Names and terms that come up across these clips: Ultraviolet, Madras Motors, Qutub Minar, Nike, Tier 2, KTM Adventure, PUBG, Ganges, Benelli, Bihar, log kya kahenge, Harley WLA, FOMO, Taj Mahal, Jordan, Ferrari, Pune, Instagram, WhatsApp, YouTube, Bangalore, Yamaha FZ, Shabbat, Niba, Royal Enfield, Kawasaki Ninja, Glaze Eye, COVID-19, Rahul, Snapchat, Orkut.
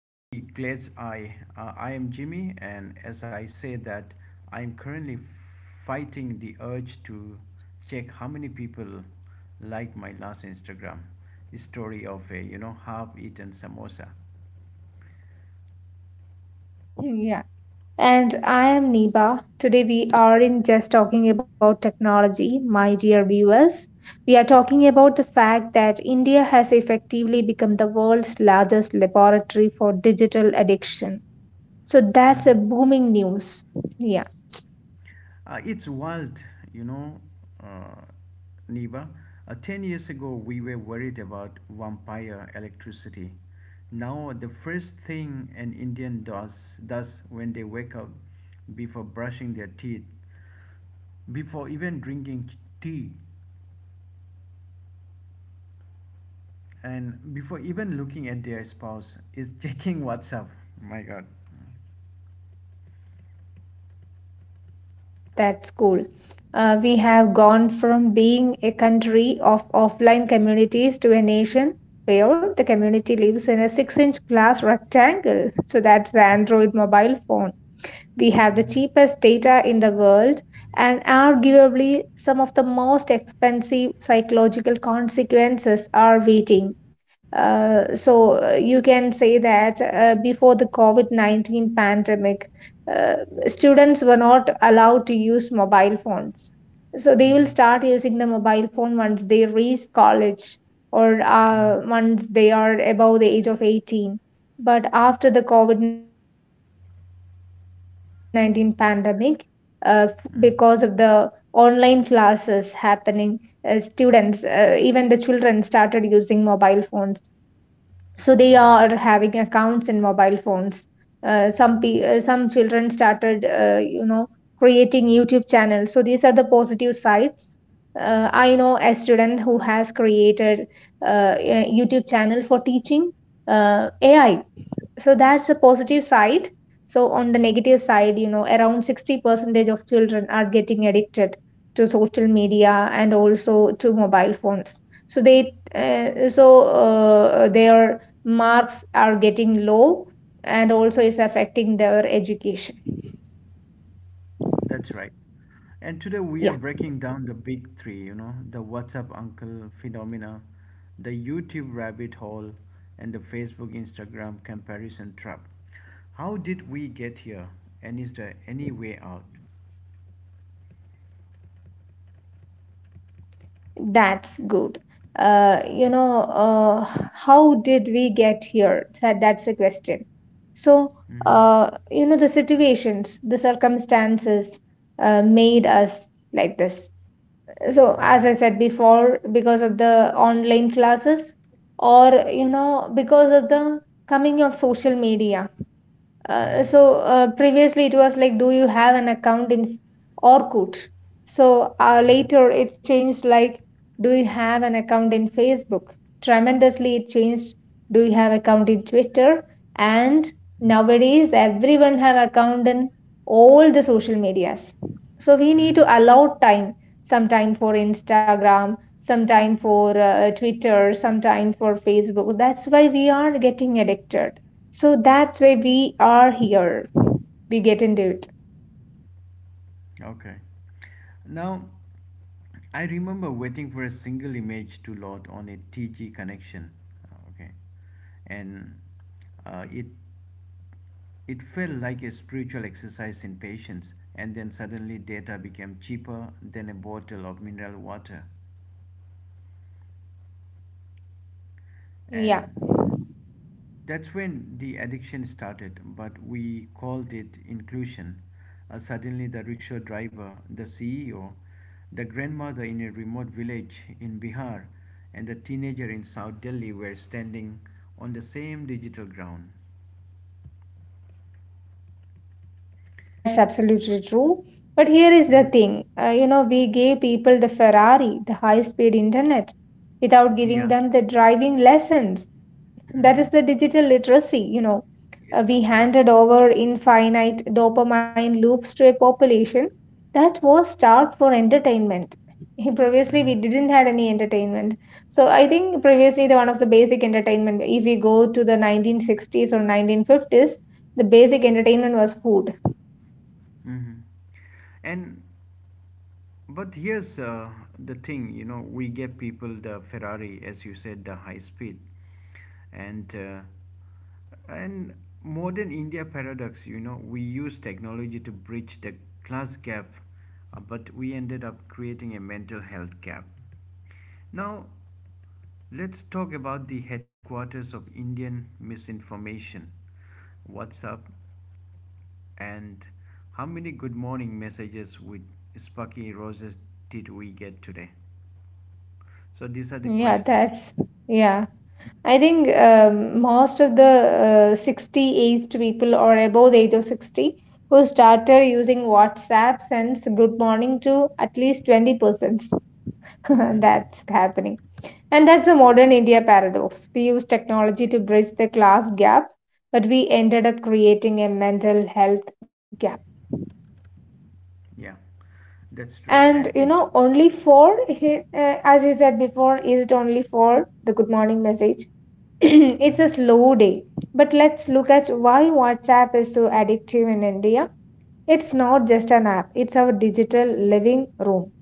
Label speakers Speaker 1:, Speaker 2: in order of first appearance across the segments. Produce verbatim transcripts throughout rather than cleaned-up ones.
Speaker 1: to the Glaze Eye. Uh, I am Jimmy, and as I say that, I am currently fighting the urge to check how many people like my last Instagram story of a you know half-eaten samosa.
Speaker 2: Yeah. And I am Niba. Today we aren't just talking about technology, my dear viewers. We are talking about the fact that India has effectively become the world's largest laboratory for digital addiction. So that's a booming news. Yeah,
Speaker 1: Uh, it's wild, you know, uh, Neva. Uh, ten years ago, we were worried about vampire electricity. Now, the first thing an Indian does, does when they wake up, before brushing their teeth, before even drinking tea, and before even looking at their spouse is checking WhatsApp. My God.
Speaker 2: yeah, that's cool. Uh, we have gone from being a country of offline communities to a nation where the community lives in a six inch glass rectangle. So that's the Android mobile phone. We have the
Speaker 1: Mm-hmm.
Speaker 2: cheapest data in the world and arguably some of the most expensive psychological consequences are waiting. Uh, so uh, you can say that uh, before the COVID nineteen pandemic, uh, students were not allowed to use mobile phones. So they
Speaker 1: Mm-hmm.
Speaker 2: will start using the mobile phone once they reach college or
Speaker 1: Mm-hmm.
Speaker 2: uh, once they are above the age of eighteen. But after the COVID nineteen pandemic, uh, f- because of the online classes
Speaker 1: Mm-hmm.
Speaker 2: happening, uh, students, uh, even the children started using mobile phones, so they are having accounts in
Speaker 1: Yeah. Mm-hmm.
Speaker 2: mobile phones. Uh, some pe- uh, some children started, uh, you know, creating youtube channels, so these are the positive sides. uh, I know a student who has created uh, a youtube channel for teaching uh, AI. So that's the positive side. So on the negative side, you know, around sixty percentage of children are getting addicted to social media and also to mobile phones. So they uh, so uh, their marks are getting low and also is affecting their education.
Speaker 1: That's right. And today we are
Speaker 2: Yeah.
Speaker 1: breaking down the big three, you know, the WhatsApp uncle phenomena, the YouTube rabbit hole, and the Facebook Instagram comparison trap. How did we get here? And is there any way out?
Speaker 2: Yeah, that's good. Uh, you know, uh, how did we get here? That, that's the question. So,
Speaker 1: Mm-hmm.
Speaker 2: uh, you know, the situations, the circumstances uh, made us like this. So
Speaker 1: Mm-hmm.
Speaker 2: as I said before, because of the online classes or, you know, because of the coming of social media, uh,
Speaker 1: Mm-hmm.
Speaker 2: so uh, previously it was like, do you have an account in Orkut? So uh,
Speaker 1: Mm-hmm.
Speaker 2: later it changed like, do you have an account in Facebook? Tremendously it changed. Do you have account in Twitter? And
Speaker 1: Mm-hmm.
Speaker 2: nowadays everyone have account in all the social medias. So we
Speaker 1: Mm-hmm.
Speaker 2: need to allow time, some time for Instagram, some time for uh, Twitter, some time for Facebook. That's why we are getting addicted, so that's why we are here. We get into it.
Speaker 1: Okay. Now, I remember waiting for a single image to load on a two connection. Uh, Okay, and uh, it it felt like a spiritual exercise in patience. And then suddenly, data became cheaper than a bottle of mineral water.
Speaker 2: Yeah,
Speaker 1: And that's when the addiction started, but we called it inclusion. Uh, suddenly, the rickshaw driver, the CEO, the grandmother in a remote village in Bihar, and the teenager in South Delhi were standing on the same digital ground.
Speaker 2: that's absolutely true. But here is the
Speaker 1: Mhm.
Speaker 2: thing, uh, you know, we gave people the Ferrari, the high speed internet, without giving
Speaker 1: Yeah.
Speaker 2: them the driving lessons. That is the
Speaker 1: Hmm.
Speaker 2: digital literacy, you know. Uh,
Speaker 1: Yes.
Speaker 2: we
Speaker 1: Yeah.
Speaker 2: handed over infinite dopamine loops to a population that was starved for entertainment. Previously, we
Speaker 1: Hmm.
Speaker 2: didn't had any entertainment. So I think previously the one of the basic entertainment, if we go to the nineteen sixties or nineteen fifties, the basic entertainment was food.
Speaker 1: Mhm. And but here's uh, the thing, you know, we give people the Ferrari, as you said, the high speed, and uh, and modern India paradox, you know, we use technology to bridge the class gap, uh, but we ended up creating a mental health gap. Now, let's talk about the headquarters of Indian misinformation, WhatsApp, and how many good morning messages with Sparky Roses did we get today? So these are the
Speaker 2: Yeah,
Speaker 1: question.
Speaker 2: that's yeah. I think um, most of the uh, sixty aged people or above the age of sixty who started using WhatsApp sends good morning to at least twenty persons.
Speaker 1: Mm-hmm.
Speaker 2: That's happening. And that's a modern India paradox. We use technology to bridge the class gap, but we ended up creating a mental health gap.
Speaker 1: Yeah, that's true,
Speaker 2: And
Speaker 1: and
Speaker 2: you
Speaker 1: it's.
Speaker 2: know, only for, uh, as you said before, is it only for the good morning message? It's a
Speaker 1: Mm-hmm.
Speaker 2: slow day. But let's look at why WhatsApp is so addictive in India. It's not just an app, it's our digital living room.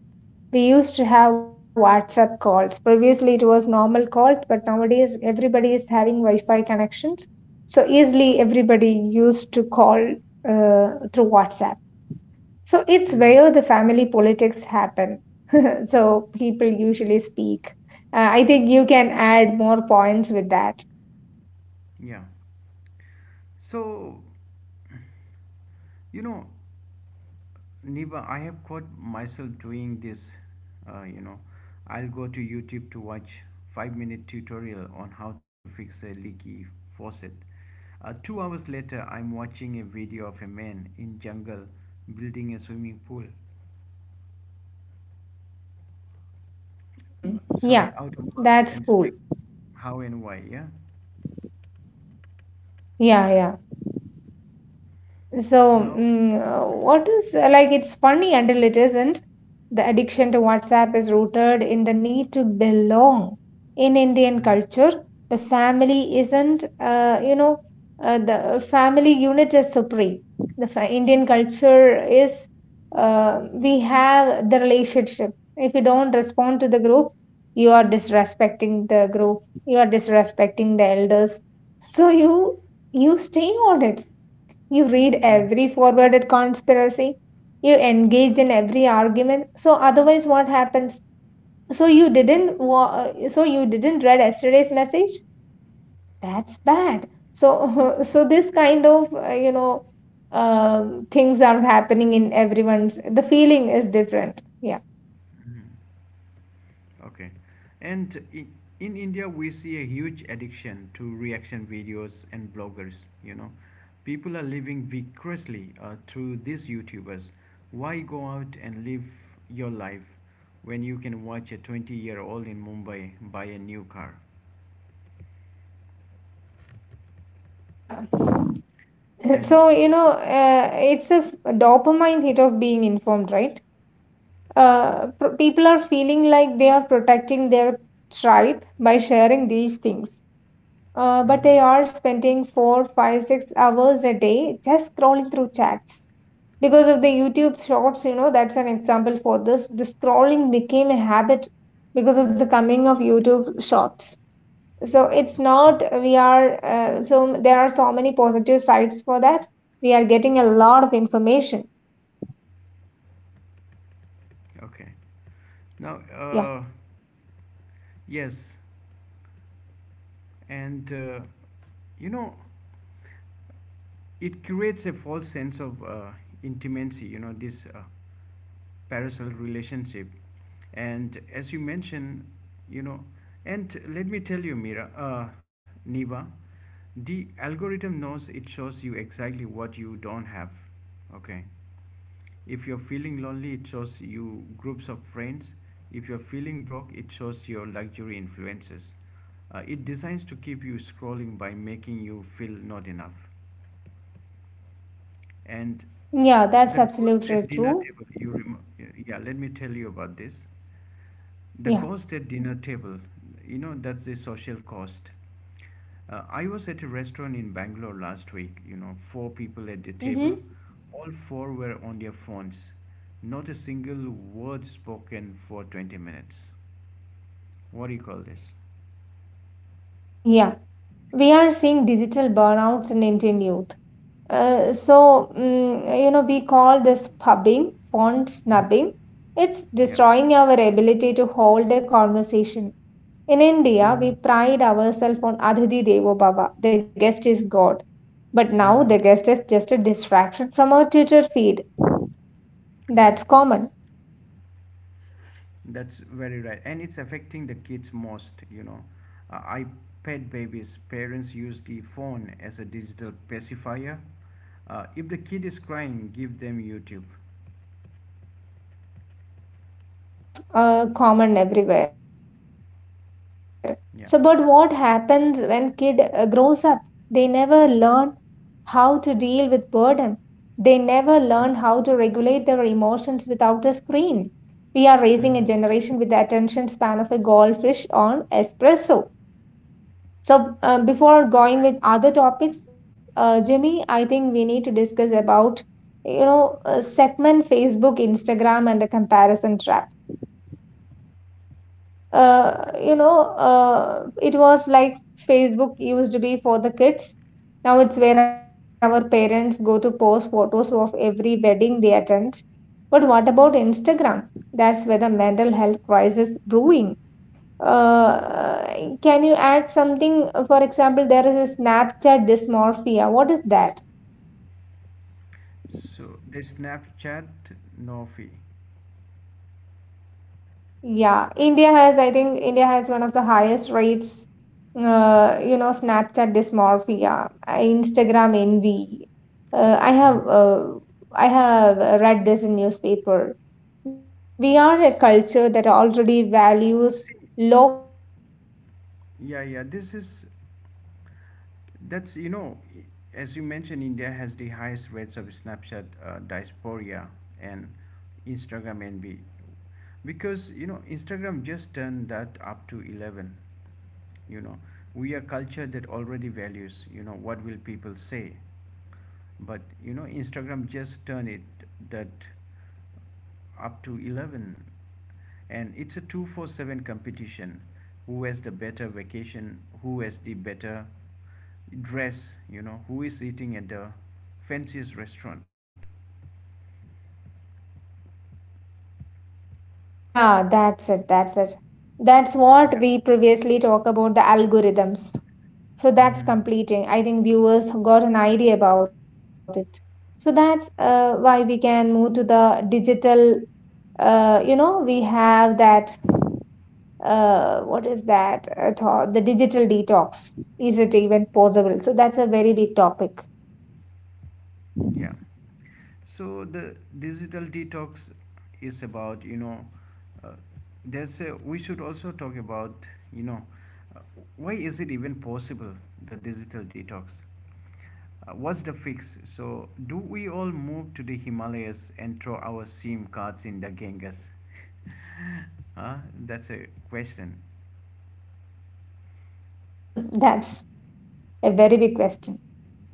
Speaker 2: We used to have WhatsApp calls. Previously, it was normal calls, but nowadays, everybody is having Wi Fi connections. So, easily, everybody used to call uh, through WhatsApp. So, it's
Speaker 1: Mm-hmm.
Speaker 2: where the family politics happen. So, people usually speak. Uh, I think you can add more points with that.
Speaker 1: Yeah. So you know, Niba, I have caught myself doing this. Uh, you know, I'll go to YouTube to watch five-minute tutorial on how to fix a leaky faucet. Uh, two hours later, I'm watching a video of a man in jungle building a swimming pool.
Speaker 2: Mm,
Speaker 1: Sorry,
Speaker 2: yeah,
Speaker 1: out of mud
Speaker 2: that's
Speaker 1: and
Speaker 2: cool.
Speaker 1: sticks. How and why? Yeah.
Speaker 2: Yeah, yeah. So,
Speaker 1: Now.
Speaker 2: mm, uh, what is uh, like it's funny until it isn't. The addiction to WhatsApp is rooted in the need to belong. In Indian
Speaker 1: Mhm,
Speaker 2: culture, the family isn't, uh, you know, uh, the family unit is supreme. The fa- Indian culture is, uh, we have the relationship. If you don't respond to the group, you are disrespecting the group, you are disrespecting the elders. So, you you stay on it, you read
Speaker 1: mhm,
Speaker 2: every forwarded conspiracy. You engage in every argument. So otherwise, what happens? So you didn't. wa- uh, So you didn't read yesterday's message. That's bad. So so this kind of, uh, you know, um things are happening in everyone's. The feeling is different. Yeah,
Speaker 1: mhm. Okay. And in, in India, we see a huge addiction to reaction videos and bloggers. You know, people are living viciously uh, through these YouTubers. Why go out and live your life when you can watch a twenty year old in Mumbai buy a new car?
Speaker 2: yeah.
Speaker 1: And
Speaker 2: So you know, uh, it's a f- dopamine hit of being informed, right? Uh, pro- people are feeling like they are protecting their tribe by sharing these things. Uh, but they
Speaker 1: Mhm.
Speaker 2: are spending four, five, six hours a day just scrolling through chats. Because of the YouTube shorts, you know, that's an example for this. The scrolling became a habit because of the coming of YouTube shorts. So it's
Speaker 1: Mhm.
Speaker 2: not, we are, uh, so there are so many positive sides for that. We are getting a lot of information.
Speaker 1: Okay. Now,
Speaker 2: Yeah.
Speaker 1: uh, yes, and uh, you know, it creates a false sense of uh, intimacy. You know, this uh, parasol relationship. And as you mentioned, you know, and let me tell you, Mira, uh, Niva, the algorithm knows it shows you exactly what you don't have. Okay. If you're feeling lonely, it shows you groups of friends. If you're feeling broke, it shows your luxury influences. Uh, it designs to keep you scrolling by making you feel not enough. And
Speaker 2: Yeah, that's
Speaker 1: the ghost
Speaker 2: absolutely
Speaker 1: at dinner
Speaker 2: true.
Speaker 1: table, you remember? Yeah, let me tell you about this. The
Speaker 2: Yeah.
Speaker 1: ghost at dinner table, you know, that's the social cost. Uh, I was at a restaurant in Bangalore last week, you know, four people at the table.
Speaker 2: Mhm.
Speaker 1: All four were on their phones. Not a single word spoken for twenty minutes. What do you call this?
Speaker 2: Yeah, we are seeing digital burnouts in Indian youth. Uh, so, mm, you know, we call this pubbing, font
Speaker 1: Mhm.
Speaker 2: snubbing. It's
Speaker 1: Yeah.
Speaker 2: destroying our ability to hold a conversation. In India,
Speaker 1: Mm-hmm.
Speaker 2: we pride ourselves on Adhiti Devo Bhava, the guest is God. But now
Speaker 1: Mm-hmm.
Speaker 2: the guest is just a distraction from our Twitter feed.
Speaker 1: Right.
Speaker 2: That's common.
Speaker 1: That's very right. And it's affecting the kids most, you know. Uh, iPad babies, parents use the phone as a digital pacifier. Uh, if the kid is crying, give them YouTube.
Speaker 2: Yeah, that's uh, common everywhere. So, but what happens when
Speaker 1: Yeah.
Speaker 2: kid uh, grows up? They never learn how to deal with boredom. They never learn how to regulate their emotions without the screen. We are raising a generation with the
Speaker 1: Mm-hmm.
Speaker 2: attention span of a goldfish on espresso. So, uh, before going with
Speaker 1: Right.
Speaker 2: other topics, uh, Jimmy, I think we need to discuss about, you know, uh, segment Facebook, Instagram, and the comparison trap. uh,
Speaker 1: Okay.
Speaker 2: you know uh, it was like Facebook used to be for the kids, now it's where our parents go to post photos of every wedding they attend. But what about Instagram? That's where the mental health crisis brewing. uh, can you add something, for example, there is a Snapchat dysmorphia, what is that?
Speaker 1: So the Snapchat, no fee.
Speaker 2: Yeah, India has, I think India has one of the highest rates, uh, you know, Snapchat dysmorphia, uh, Instagram envy. Uh, I
Speaker 1: Mhm.
Speaker 2: have uh, I have uh, read this in newspaper. We are a culture that already values
Speaker 1: See,
Speaker 2: log kya kahenge.
Speaker 1: yeah, yeah. This
Speaker 2: Instagram
Speaker 1: is
Speaker 2: just turned that up to
Speaker 1: That's you
Speaker 2: eleven.
Speaker 1: know, as you
Speaker 2: Uh,
Speaker 1: mentioned,
Speaker 2: Have you
Speaker 1: India
Speaker 2: heard
Speaker 1: has the
Speaker 2: that Uh,
Speaker 1: highest rates
Speaker 2: somebody
Speaker 1: of
Speaker 2: had said that
Speaker 1: Snapchat
Speaker 2: it's a
Speaker 1: uh,
Speaker 2: twenty four seven
Speaker 1: diaspora
Speaker 2: competition?
Speaker 1: and
Speaker 2: Who has the
Speaker 1: Instagram
Speaker 2: better
Speaker 1: envy.
Speaker 2: vacation, who has the
Speaker 1: Because
Speaker 2: better
Speaker 1: you know, instagram
Speaker 2: lehenga,
Speaker 1: just
Speaker 2: who is
Speaker 1: turned that
Speaker 2: eating at
Speaker 1: up to
Speaker 2: the
Speaker 1: eleven.
Speaker 2: fanciest restaurant.
Speaker 1: You know, we are culture that already
Speaker 2: Yeah, yeah,
Speaker 1: values, you know, what will people say,
Speaker 2: yeah,
Speaker 1: but you know, instagram just turned
Speaker 2: yeah,
Speaker 1: it
Speaker 2: yeah, yeah,
Speaker 1: that up to
Speaker 2: absolutely.
Speaker 1: eleven,
Speaker 2: That's the
Speaker 1: and
Speaker 2: digital
Speaker 1: it's a
Speaker 2: burnout.
Speaker 1: twenty four seven competition, who has the better vacation, who has the better dress, you know, who is eating at the fanciest restaurant.
Speaker 2: Yeah, that's it, that's it. That's what
Speaker 1: Yeah.
Speaker 2: we previously talked about the algorithms. So that's
Speaker 1: Mm-hmm.
Speaker 2: completing. I think viewers got an idea about it. So that's uh, why
Speaker 1: Yeah.
Speaker 2: we can move to the digital. Uh, you know, we have that, uh, what is that at all? the digital detox. Is it even possible? So that's a very big topic.
Speaker 1: Yeah. So the digital detox is about, you know, uh, there's a, we should also talk about, you know, uh, why is it even possible, the digital detox? Uh, what's the fix? So do we all move to the Himalayas and throw our SIM cards in the Ganges? Huh? That's a question.
Speaker 2: That's a very big question.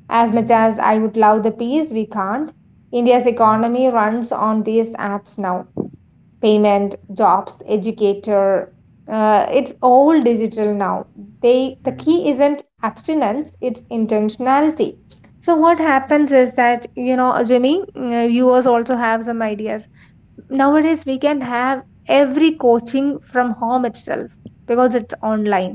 Speaker 2: As much as
Speaker 1: Mm-hmm.
Speaker 2: I would love the peace, we can't. India's
Speaker 1: Mm-hmm.
Speaker 2: economy runs on these apps now. Payment, jobs, educator. Uh, it's all digital now. They the
Speaker 1: Mm-hmm.
Speaker 2: key isn't abstinence; it's intentionality. So what happens is that, you know, Jimmy, uh, viewers also have some ideas. Nowadays we can have every coaching from home itself because it's online.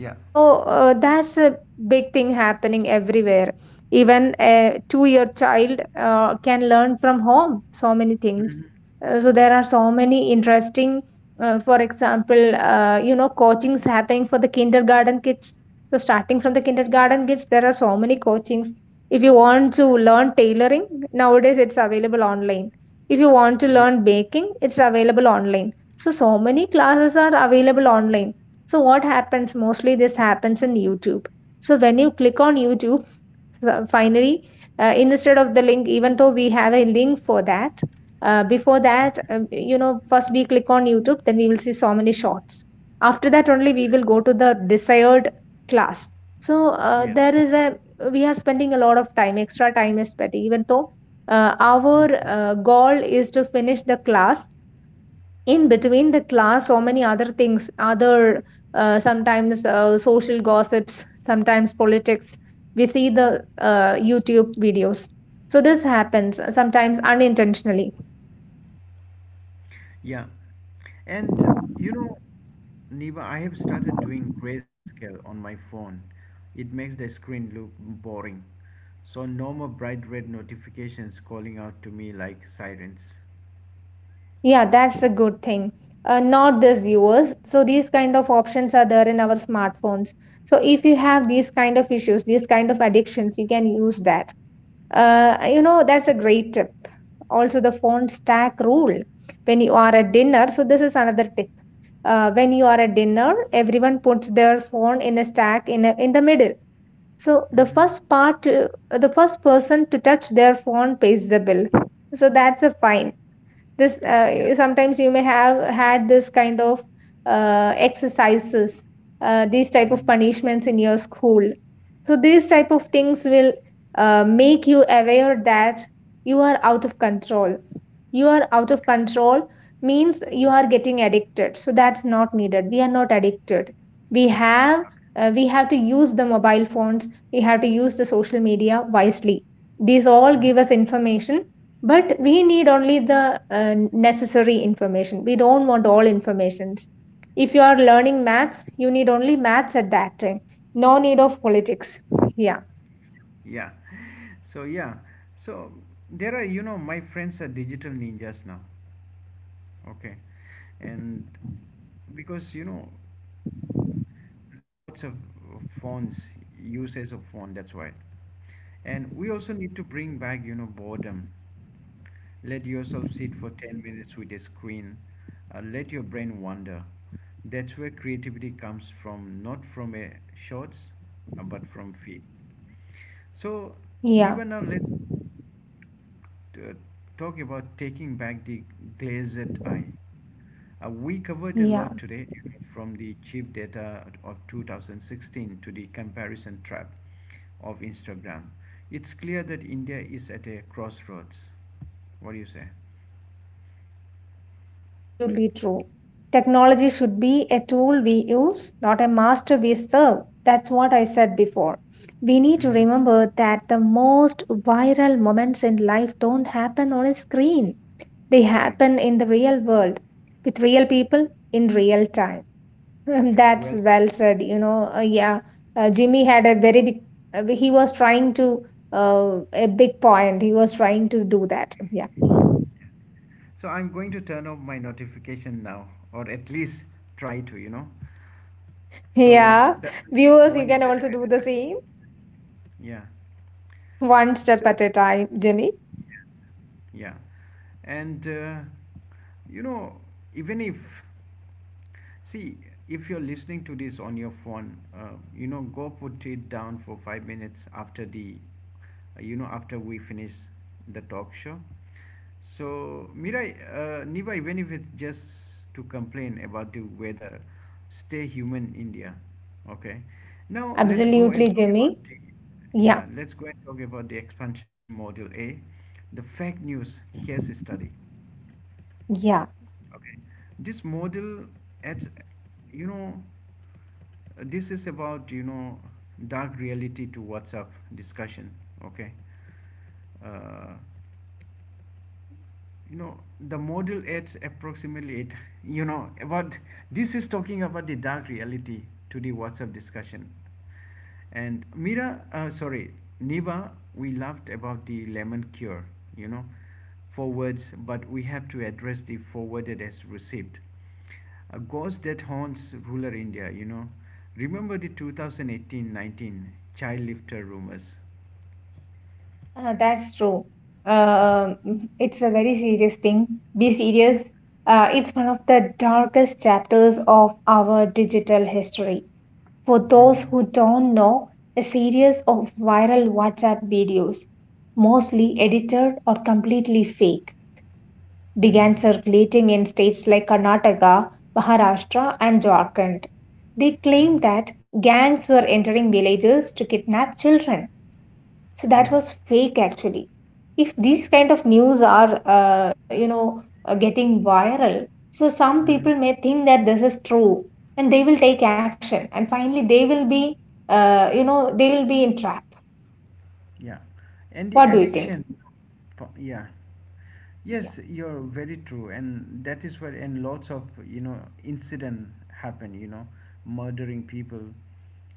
Speaker 1: Yeah.
Speaker 2: So uh, that's a big thing happening everywhere. Even a two year child uh, can learn from home so many things.
Speaker 1: Mhm.
Speaker 2: Uh, so there are so many interesting, uh, for example, uh, you know, coachings happening for the kindergarten kids. So starting from the kindergarten kids, there are so many coachings. If you want to learn tailoring, nowadays it's available online. If you want to
Speaker 1: Yes.
Speaker 2: learn baking, it's available online. So so many classes are available online. So what happens mostly this happens in YouTube. So when you click on YouTube, uh, finally, uh, instead of the link, even though we have a link for that, uh, before that, um,
Speaker 1: Mhm.
Speaker 2: you know, first we click on YouTube, then we will see so many shorts. After that only we will go to the desired class. So uh,
Speaker 1: Yes.
Speaker 2: there is a we are spending a lot of time, extra time is spent, even though uh, our uh,
Speaker 1: Mhm.
Speaker 2: goal is to finish the class. In between the class so many other things, other uh, sometimes uh, social gossips, sometimes politics, we see the uh, youtube videos. So this happens uh, sometimes unintentionally.
Speaker 1: Yeah. And you know, Neva, I have started doing grayscale on my phone. It makes the screen look boring. So no more bright red notifications calling out to me like sirens.
Speaker 2: Yeah, that's a good thing. Uh, not this viewers, so these kind of options are there in our smartphones. So if you have these kind of issues, these kind of addictions, you can use that. Uh, you know, that's a great tip. Also, the phone stack rule when you are at dinner. So, this is another tip. Uh, when you are at dinner, everyone puts their phone in a stack in a, in the middle. So the
Speaker 1: Mm-hmm.
Speaker 2: first part, uh, the first person to touch their phone pays the bill. So that's a fine. This
Speaker 1: Yeah.
Speaker 2: uh, sometimes you may have had this kind of uh, exercises, uh, these type of
Speaker 1: Mhm.
Speaker 2: punishments in your school, so these type of things will uh, make you aware that you are out of control you are out of control means you are getting addicted. So that's not needed, we are not addicted. we have
Speaker 1: Okay.
Speaker 2: uh, we have to use the mobile phones, we have to use the social media wisely. These all give us
Speaker 1: Mhm.
Speaker 2: information, but we need only the uh, necessary information. We don't want all informations. If you are learning maths, you need only maths at that time. No need of politics. Yeah,
Speaker 1: Yeah. So yeah. So there are, you know, my friends are digital ninjas now. Okay. And because you know, lots of of phones, uses of phone, that's why. And we also need to bring back, you know, boredom. Let yourself sit for ten minutes with a screen. Uh, let your brain wander. That's where creativity comes from, not from a shorts, uh, but from feed. So,
Speaker 2: yeah,
Speaker 1: Niva, now let's t- talk about taking back the glazed eye. Uh, we covered a
Speaker 2: yeah.
Speaker 1: lot today, you know, from the cheap data of two thousand sixteen to the comparison trap of Instagram. It's clear that India is at a crossroads. What do you say?
Speaker 2: Absolutely true. Technology should be a tool we use, not a master we serve. That's what I said before. We need to
Speaker 1: Mm-hmm.
Speaker 2: remember that the most viral moments in life don't happen on a screen, they
Speaker 1: Right.
Speaker 2: happen in the real world with real people in real time. Um, That's
Speaker 1: Well said.
Speaker 2: well said. You know, uh, yeah, uh, Jimmy had a very big, uh, he was trying to, uh, a big point. He was trying to do that. Yeah.
Speaker 1: So I'm going to turn off my notification now, or at least try to, you know. So
Speaker 2: Yeah.
Speaker 1: that will be
Speaker 2: Viewers, you
Speaker 1: one
Speaker 2: can
Speaker 1: step
Speaker 2: also
Speaker 1: at
Speaker 2: do
Speaker 1: a
Speaker 2: the
Speaker 1: time.
Speaker 2: same,
Speaker 1: Yeah.
Speaker 2: one step
Speaker 1: So
Speaker 2: at a time, Jimmy.
Speaker 1: yeah, and uh, you know, even if, see, if you're listening to this on your phone, uh, you know, go put it down for five minutes after the, you know, after we finish the talk show. So, Mirai, uh, Niva, even if it's just to complain about the weather, stay human, India. Okay. Now let's go
Speaker 2: Absolutely,
Speaker 1: and talk about
Speaker 2: Jimmy.
Speaker 1: the,
Speaker 2: Yeah.
Speaker 1: yeah. Let's go and talk about the expansion model A, the fake news case study.
Speaker 2: Yeah.
Speaker 1: Okay. This model, adds, you know, this is about, you know, dark reality to WhatsApp discussion. Okay. Uh, You know, the model aids approximately it. You know, about, this is talking about the dark reality to the WhatsApp discussion. And Mira, uh, sorry, Niba, we laughed about the lemon cure, you know, forwards, but we have to address the forwarded as received. A ghost that haunts ruler India, you know. Remember the two thousand eighteen nineteen child lifter rumors?
Speaker 2: Uh, that's true. Um it's a very serious thing. Be serious. Uh, it's one of the darkest chapters of our digital history. For
Speaker 1: Mm
Speaker 2: those
Speaker 1: hmm.
Speaker 2: who don't know, a series of viral WhatsApp videos, mostly edited or completely fake, began
Speaker 1: Mm hmm.
Speaker 2: circulating in states like Karnataka, Maharashtra, and Jharkhand. They claimed
Speaker 1: Mm hmm.
Speaker 2: that gangs were entering villages to kidnap children. So that
Speaker 1: Yeah.
Speaker 2: was fake actually. If these kind of news are uh, you know uh, getting viral, so some people
Speaker 1: Hmm.
Speaker 2: may think that this is true and they will take
Speaker 1: Yes.
Speaker 2: action, and finally they will be, uh, you know they will be entrapped.
Speaker 1: Yeah. And the
Speaker 2: What do you think?
Speaker 1: addiction. po- Yeah. Yes, you're very true, and that is where, and lots of, you know, incident happen. You know, murdering people.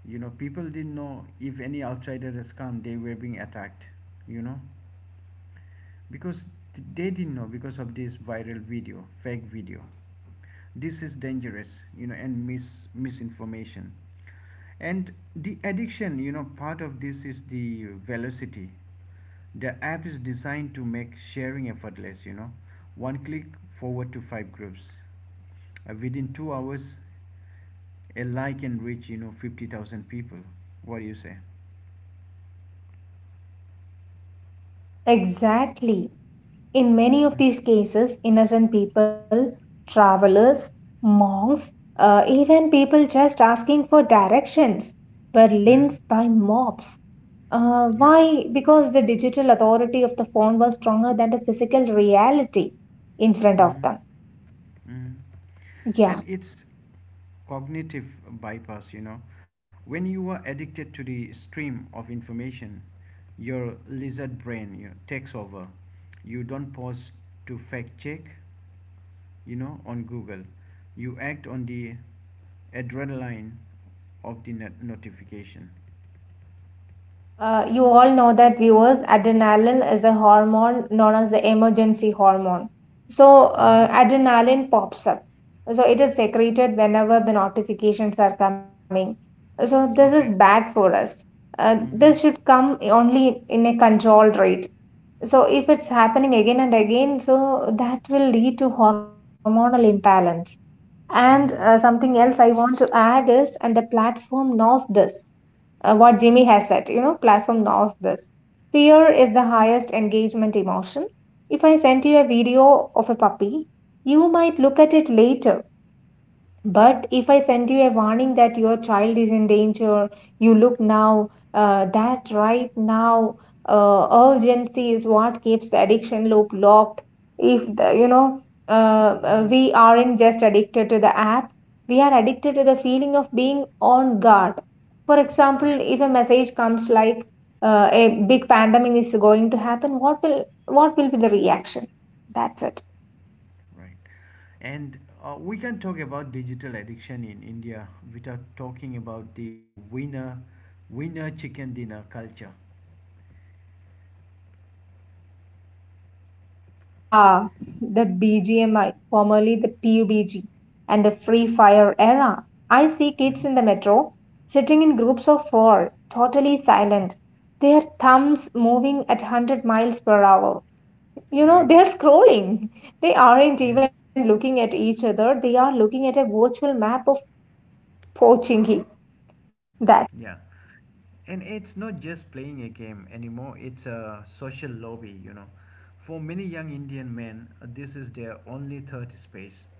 Speaker 1: You know, people didn't know if any outsider has come, they were being attacked. You know. Because they didn't know, because of this viral video, fake video, this is dangerous, you know, and mis- misinformation. And the addiction, you know, part of this is the velocity. The app is designed to make sharing effortless, you know, one click, forward to five groups, uh, within two hours a like can reach, you know, fifty thousand people. What do you say?
Speaker 2: Yeah, exactly. In many of these cases, innocent people, travelers, monks, uh, even people just asking for directions were
Speaker 1: Mm-hmm.
Speaker 2: lynched by mobs. Uh,
Speaker 1: Yeah.
Speaker 2: why? Because the digital authority of the phone was stronger than the physical reality in front of them.
Speaker 1: Mm-hmm. Mhm.
Speaker 2: Yeah.
Speaker 1: And it's cognitive bypass, you know. When you are addicted to the stream of information, your lizard brain, you know, takes over. You don't pause to fact check, you know, on Google. You act on the adrenaline of the not- notification.
Speaker 2: Uh, you all know that, viewers, adrenaline is a hormone known as the emergency hormone. So,
Speaker 1: Mm-hmm.
Speaker 2: uh, adrenaline pops up. So, it is secreted whenever the notifications are coming. So, this is
Speaker 1: Okay.
Speaker 2: bad for us. Uh,
Speaker 1: Mm-hmm.
Speaker 2: this should come only in a controlled rate. So, if it's happening again and again, so that will lead to hormonal imbalance. And uh,
Speaker 1: Mm-hmm.
Speaker 2: something else I want to add is, and the platform knows this, uh, what Jimmy has said, you know, platform knows this. Fear is the highest engagement emotion. If I send you a video of a puppy, you might look at it later, but if I send you a warning that your child is in danger, you look now, uh, that right now, uh, urgency is what keeps addiction look locked. If the, you know, uh, uh,
Speaker 1: Mm-hmm.
Speaker 2: we aren't just addicted to the app, we are addicted to the feeling of being on guard. For
Speaker 1: Yeah.
Speaker 2: example, if a message comes like uh, a big pandemic is going to happen, what will what will be the reaction? That's it.
Speaker 1: Right. And uh, we can talk about digital addiction in India without talking about the winner, winner chicken dinner culture.
Speaker 2: Ah, the B G M I, formerly the pub g, and the Free Fire era. I see kids in the
Speaker 1: Mhm.
Speaker 2: metro sitting in groups of four, totally silent, their thumbs moving at one hundred miles per hour. You know, they're
Speaker 1: Right.
Speaker 2: scrolling. They aren't even
Speaker 1: Yes.
Speaker 2: looking at each other, they are looking at a virtual map of Pochinki. That.
Speaker 1: Yeah. And it's not just playing a game anymore, it's a social lobby, you know. For many young Indian men, uh, this is their only third space.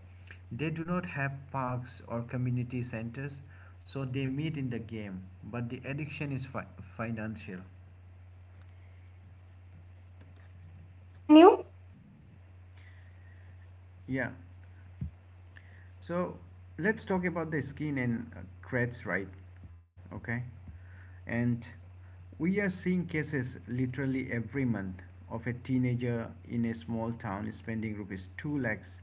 Speaker 1: They do not have parks or community centers, so they meet in the game, but the addiction is fi- financial.
Speaker 2: Can you continue?
Speaker 1: Yeah. So let's talk about the skin and uh, cracks, right? Okay. And we are seeing cases literally every month of a teenager in a small town spending rupees two lakhs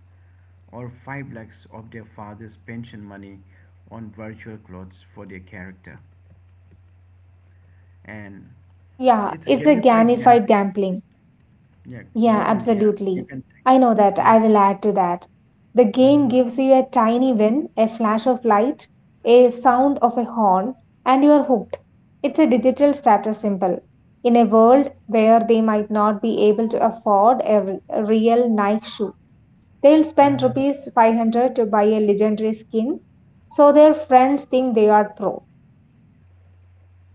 Speaker 1: or five lakhs of their father's pension money on virtual clothes for their character. And
Speaker 2: Yeah,
Speaker 1: it's
Speaker 2: it's a
Speaker 1: gamified
Speaker 2: gamified
Speaker 1: gambling.
Speaker 2: gambling.
Speaker 1: Yeah, go
Speaker 2: Yeah,
Speaker 1: on. Yeah, you
Speaker 2: absolutely.
Speaker 1: can take.
Speaker 2: I know that. I
Speaker 1: Yes.
Speaker 2: will add to that. The game
Speaker 1: Mm-hmm.
Speaker 2: gives you a tiny win, a flash of light, a sound of a horn, and you are hooked. It's a digital status symbol. In a world where they might not be able to afford a, r- a real Nike shoe, they'll spend
Speaker 1: Mm-hmm.
Speaker 2: rupees five hundred to buy a legendary skin, so their friends think they are pro.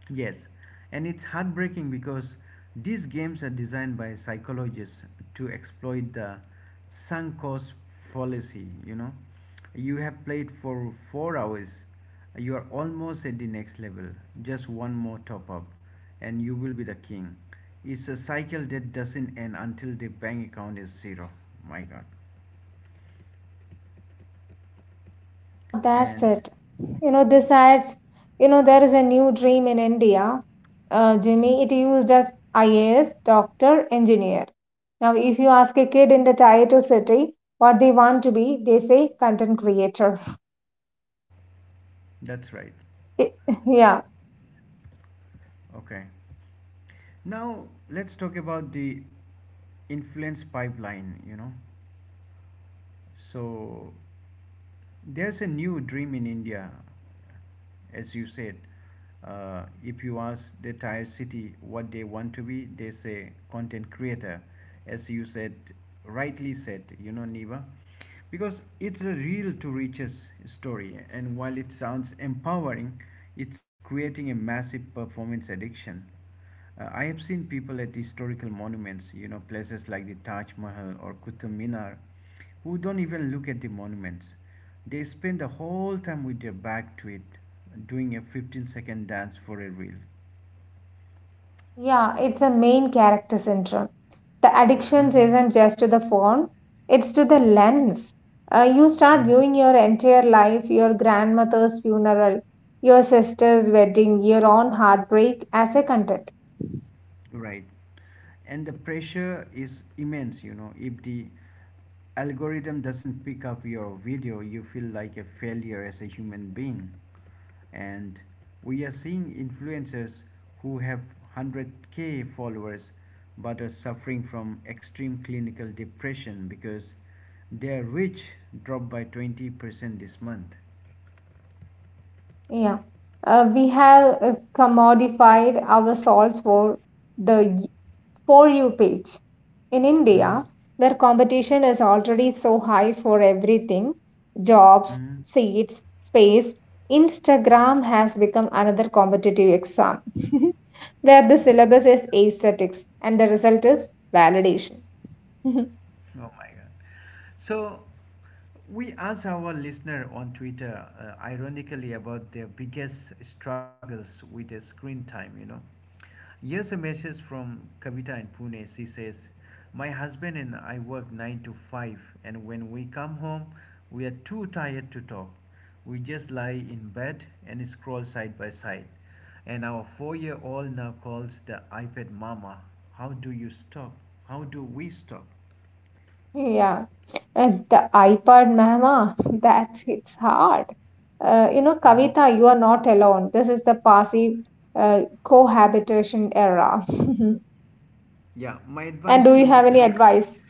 Speaker 1: Yes, and it's heartbreaking because these games are designed by psychologists to exploit the sunk cost fallacy. You know, you have played for four hours, you are almost at the next level, just one more top up, and you will be the king. It's a cycle that doesn't end until the bank account is zero. My god.
Speaker 2: Yeah, that's
Speaker 1: And
Speaker 2: it. You know, this adds, you know, there is a new dream in India, uh, Jimmy. It used as I A S, doctor, engineer. Now, if you ask a kid in the Tier two city what they want to be, they say content creator.
Speaker 1: that's right.
Speaker 2: Yeah.
Speaker 1: Okay. Now let's talk about the influence pipeline, you know. So there's a new dream in India, as you said. Uh, if you ask the Thai city what they want to be, they say content creator, as you said, rightly said, you know, Niva, because it's a real to riches story, and while it sounds empowering, it's creating a massive performance addiction. Uh, I have seen people at historical monuments, you know, places like the Taj Mahal or Qutub Minar, who don't even look at the monuments. They spend the whole time with their back to it, doing a fifteen second dance for a reel.
Speaker 2: Yeah, it's a main character syndrome. The addiction
Speaker 1: Hmm.
Speaker 2: isn't just to the phone, it's to the lens. Uh, you start
Speaker 1: Hmm.
Speaker 2: viewing your entire life, your grandmother's funeral, your sister's wedding, your own heartbreak as a content.
Speaker 1: Right. And the pressure is immense, you know, if the algorithm doesn't pick up your video, you feel like a failure as a human being. And we are seeing influencers who have hundred k followers but are suffering from extreme clinical depression because their reach dropped by twenty percent this month.
Speaker 2: Yeah, uh, we have uh, commodified our salts for the y- For You page. In India,
Speaker 1: Mm-hmm.
Speaker 2: where competition is already so high for everything — jobs,
Speaker 1: Mm-hmm.
Speaker 2: seats, space — Instagram has become another competitive exam where the syllabus is aesthetics and the result is validation.
Speaker 1: Oh my God. So we asked our listener on Twitter, uh, ironically, about their biggest struggles with the screen time, you know. Here's a message from Kavita in Pune. She says, my husband and I work nine to five, and when we come home, we are too tired to talk. We just lie in bed and scroll side by side. And our four year old now calls the iPad Mama. How do you stop? How do we stop?
Speaker 2: Yeah, uh, the iPad mama, that's, it's hard. Uh, you know,
Speaker 1: Mhm.
Speaker 2: Kavita, you are not alone. This is the passive uh, cohabitation era.
Speaker 1: Yeah, my
Speaker 2: And
Speaker 1: advice
Speaker 2: do you
Speaker 1: to,
Speaker 2: have
Speaker 1: you
Speaker 2: any
Speaker 1: know,
Speaker 2: advice?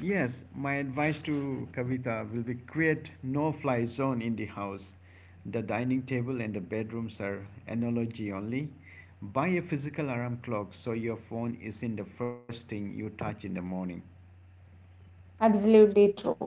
Speaker 1: yes, my advice to Kavita will be create no-fly zone in the house. The dining table and the bedrooms are analogy only. Buy a physical alarm clock so your phone is in the first thing you touch in the morning.
Speaker 2: Absolutely true.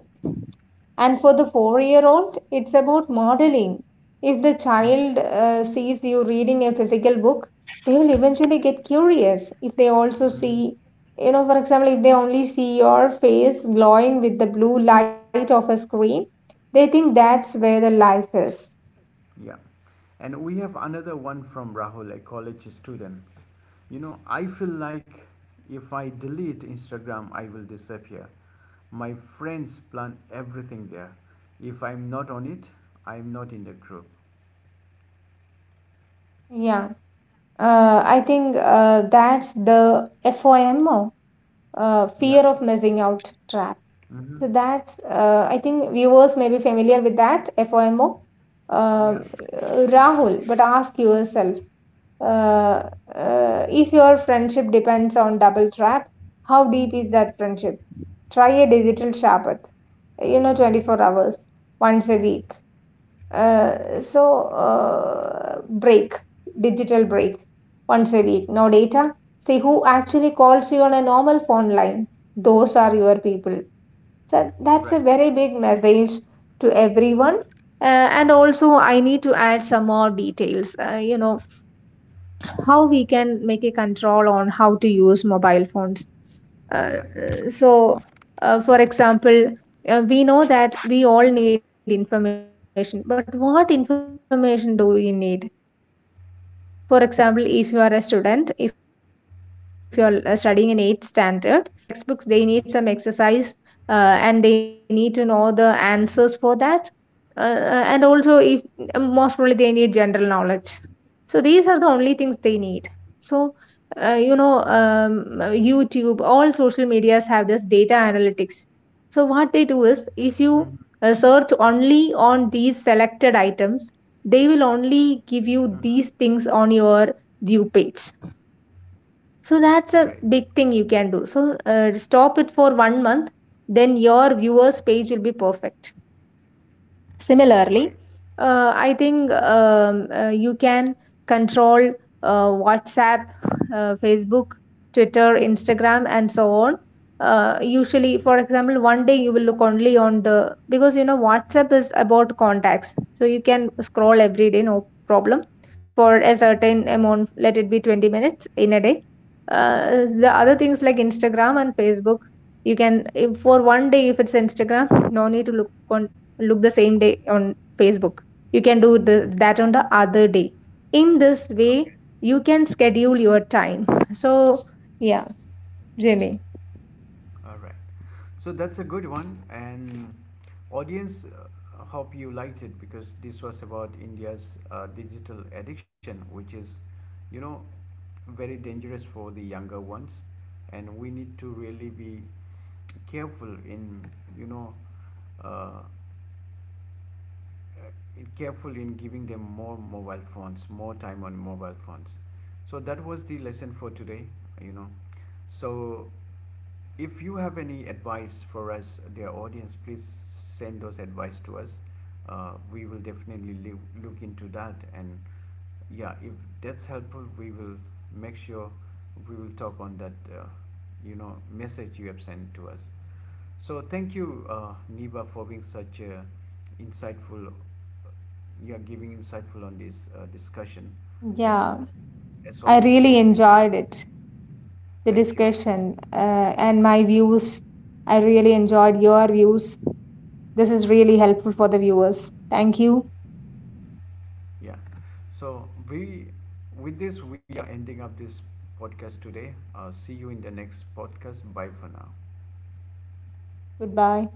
Speaker 2: And for the four year old it's about modeling. If the
Speaker 1: Mhm.
Speaker 2: child uh, sees you reading a physical book, they will eventually get curious. If they also see, you know, for example, if they only see your face glowing with the blue light of a screen, they think that's where the life is.
Speaker 1: Yeah. And we have another one from Rahul, a college student. You know, I feel like if I delete Instagram, I will disappear. My friends plan everything there. If I'm not on it, I'm not in the group.
Speaker 2: Yeah, uh, I think uh, that's the FOMO, uh, fear
Speaker 1: Yeah.
Speaker 2: of missing out trap.
Speaker 1: Mm-hmm.
Speaker 2: So that's, uh, I think viewers may be familiar with that FOMO. Um,
Speaker 1: Yeah.
Speaker 2: Uh, Rahul, but ask yourself, uh, uh, if your friendship depends on double trap, how deep is that friendship? Try a digital Shabbat, you know, twenty-four
Speaker 1: Mm-hmm.
Speaker 2: hours once a week. Uh, so, uh, break, digital break once a week, no data. See who actually calls you on a normal phone line. Those are your people, so that's a
Speaker 1: Right.
Speaker 2: very big message to everyone. Uh, and also, I need to add some more details. Uh, you know, how we can make a control on how to use mobile phones. Uh,
Speaker 1: Yeah.
Speaker 2: so, uh, for example, uh, we know that we all need information, but what information do we need? For example, if you are a student, if you are uh, studying in eighth standard, that student needs only some guides. For example, other than the textbooks, they need some exercise, uh, and they need to know the answers for that. Uh, uh, and also, if most probably they need general knowledge. So, these are the only things they need. So, uh, you know um, youtube all social medias have this data analytics. So what they do is if you
Speaker 1: Mm-hmm.
Speaker 2: uh, search only on these selected items, they will only give you
Speaker 1: Mm-hmm.
Speaker 2: these things on your view page. So that's a
Speaker 1: Right.
Speaker 2: big thing you can do. So uh, stop it for one month, then your viewers page will be perfect. Similarly,
Speaker 1: Right.
Speaker 2: uh, I think um, uh, you can control uh, WhatsApp, uh, Facebook, Twitter, Instagram, and so on. Uh, usually,
Speaker 1: Mm-hmm.
Speaker 2: for example, one day you will look only on the, because you know WhatsApp is about contacts, so you can scroll every day, no problem, for a certain amount. Let it be twenty minutes in a day. Uh, the
Speaker 1: Mm-hmm.
Speaker 2: other things like Instagram and Facebook, you can, if for one day if it's Instagram, no need to look on, look the same day on Facebook. You can do the, that on the other day. In this way,
Speaker 1: Okay.
Speaker 2: you can schedule your time. So, yeah, Jimmy.
Speaker 1: All right. So that's a good one. And audience, uh, hope you liked it because this was about India's uh, digital addiction, which is, you know, very dangerous for the younger ones. And we need to really be careful in, you know, uh, uh, careful in giving them more mobile phones, more time on mobile phones. So that was the lesson for today, you know. So if you have any advice for us, dear audience, please send those advice to us. Uh, we will definitely live, look into that. And yeah, if that's helpful, we will make sure we will talk on that, uh, you know, message you have sent to us. So thank you, uh, Niba, for being such a insightful. You are giving insightful on this uh, discussion,
Speaker 2: Yeah,
Speaker 1: and as
Speaker 2: I
Speaker 1: always, you
Speaker 2: really
Speaker 1: have been.
Speaker 2: enjoyed it, the
Speaker 1: Thank you.
Speaker 2: discussion uh, and
Speaker 1: Yeah,
Speaker 2: my views. I really enjoyed your views. This is really helpful for the viewers. Thank you.
Speaker 1: yeah. So we, with this, we are ending up this podcast today. Uh, see you in the next podcast. Bye for now.
Speaker 2: Goodbye.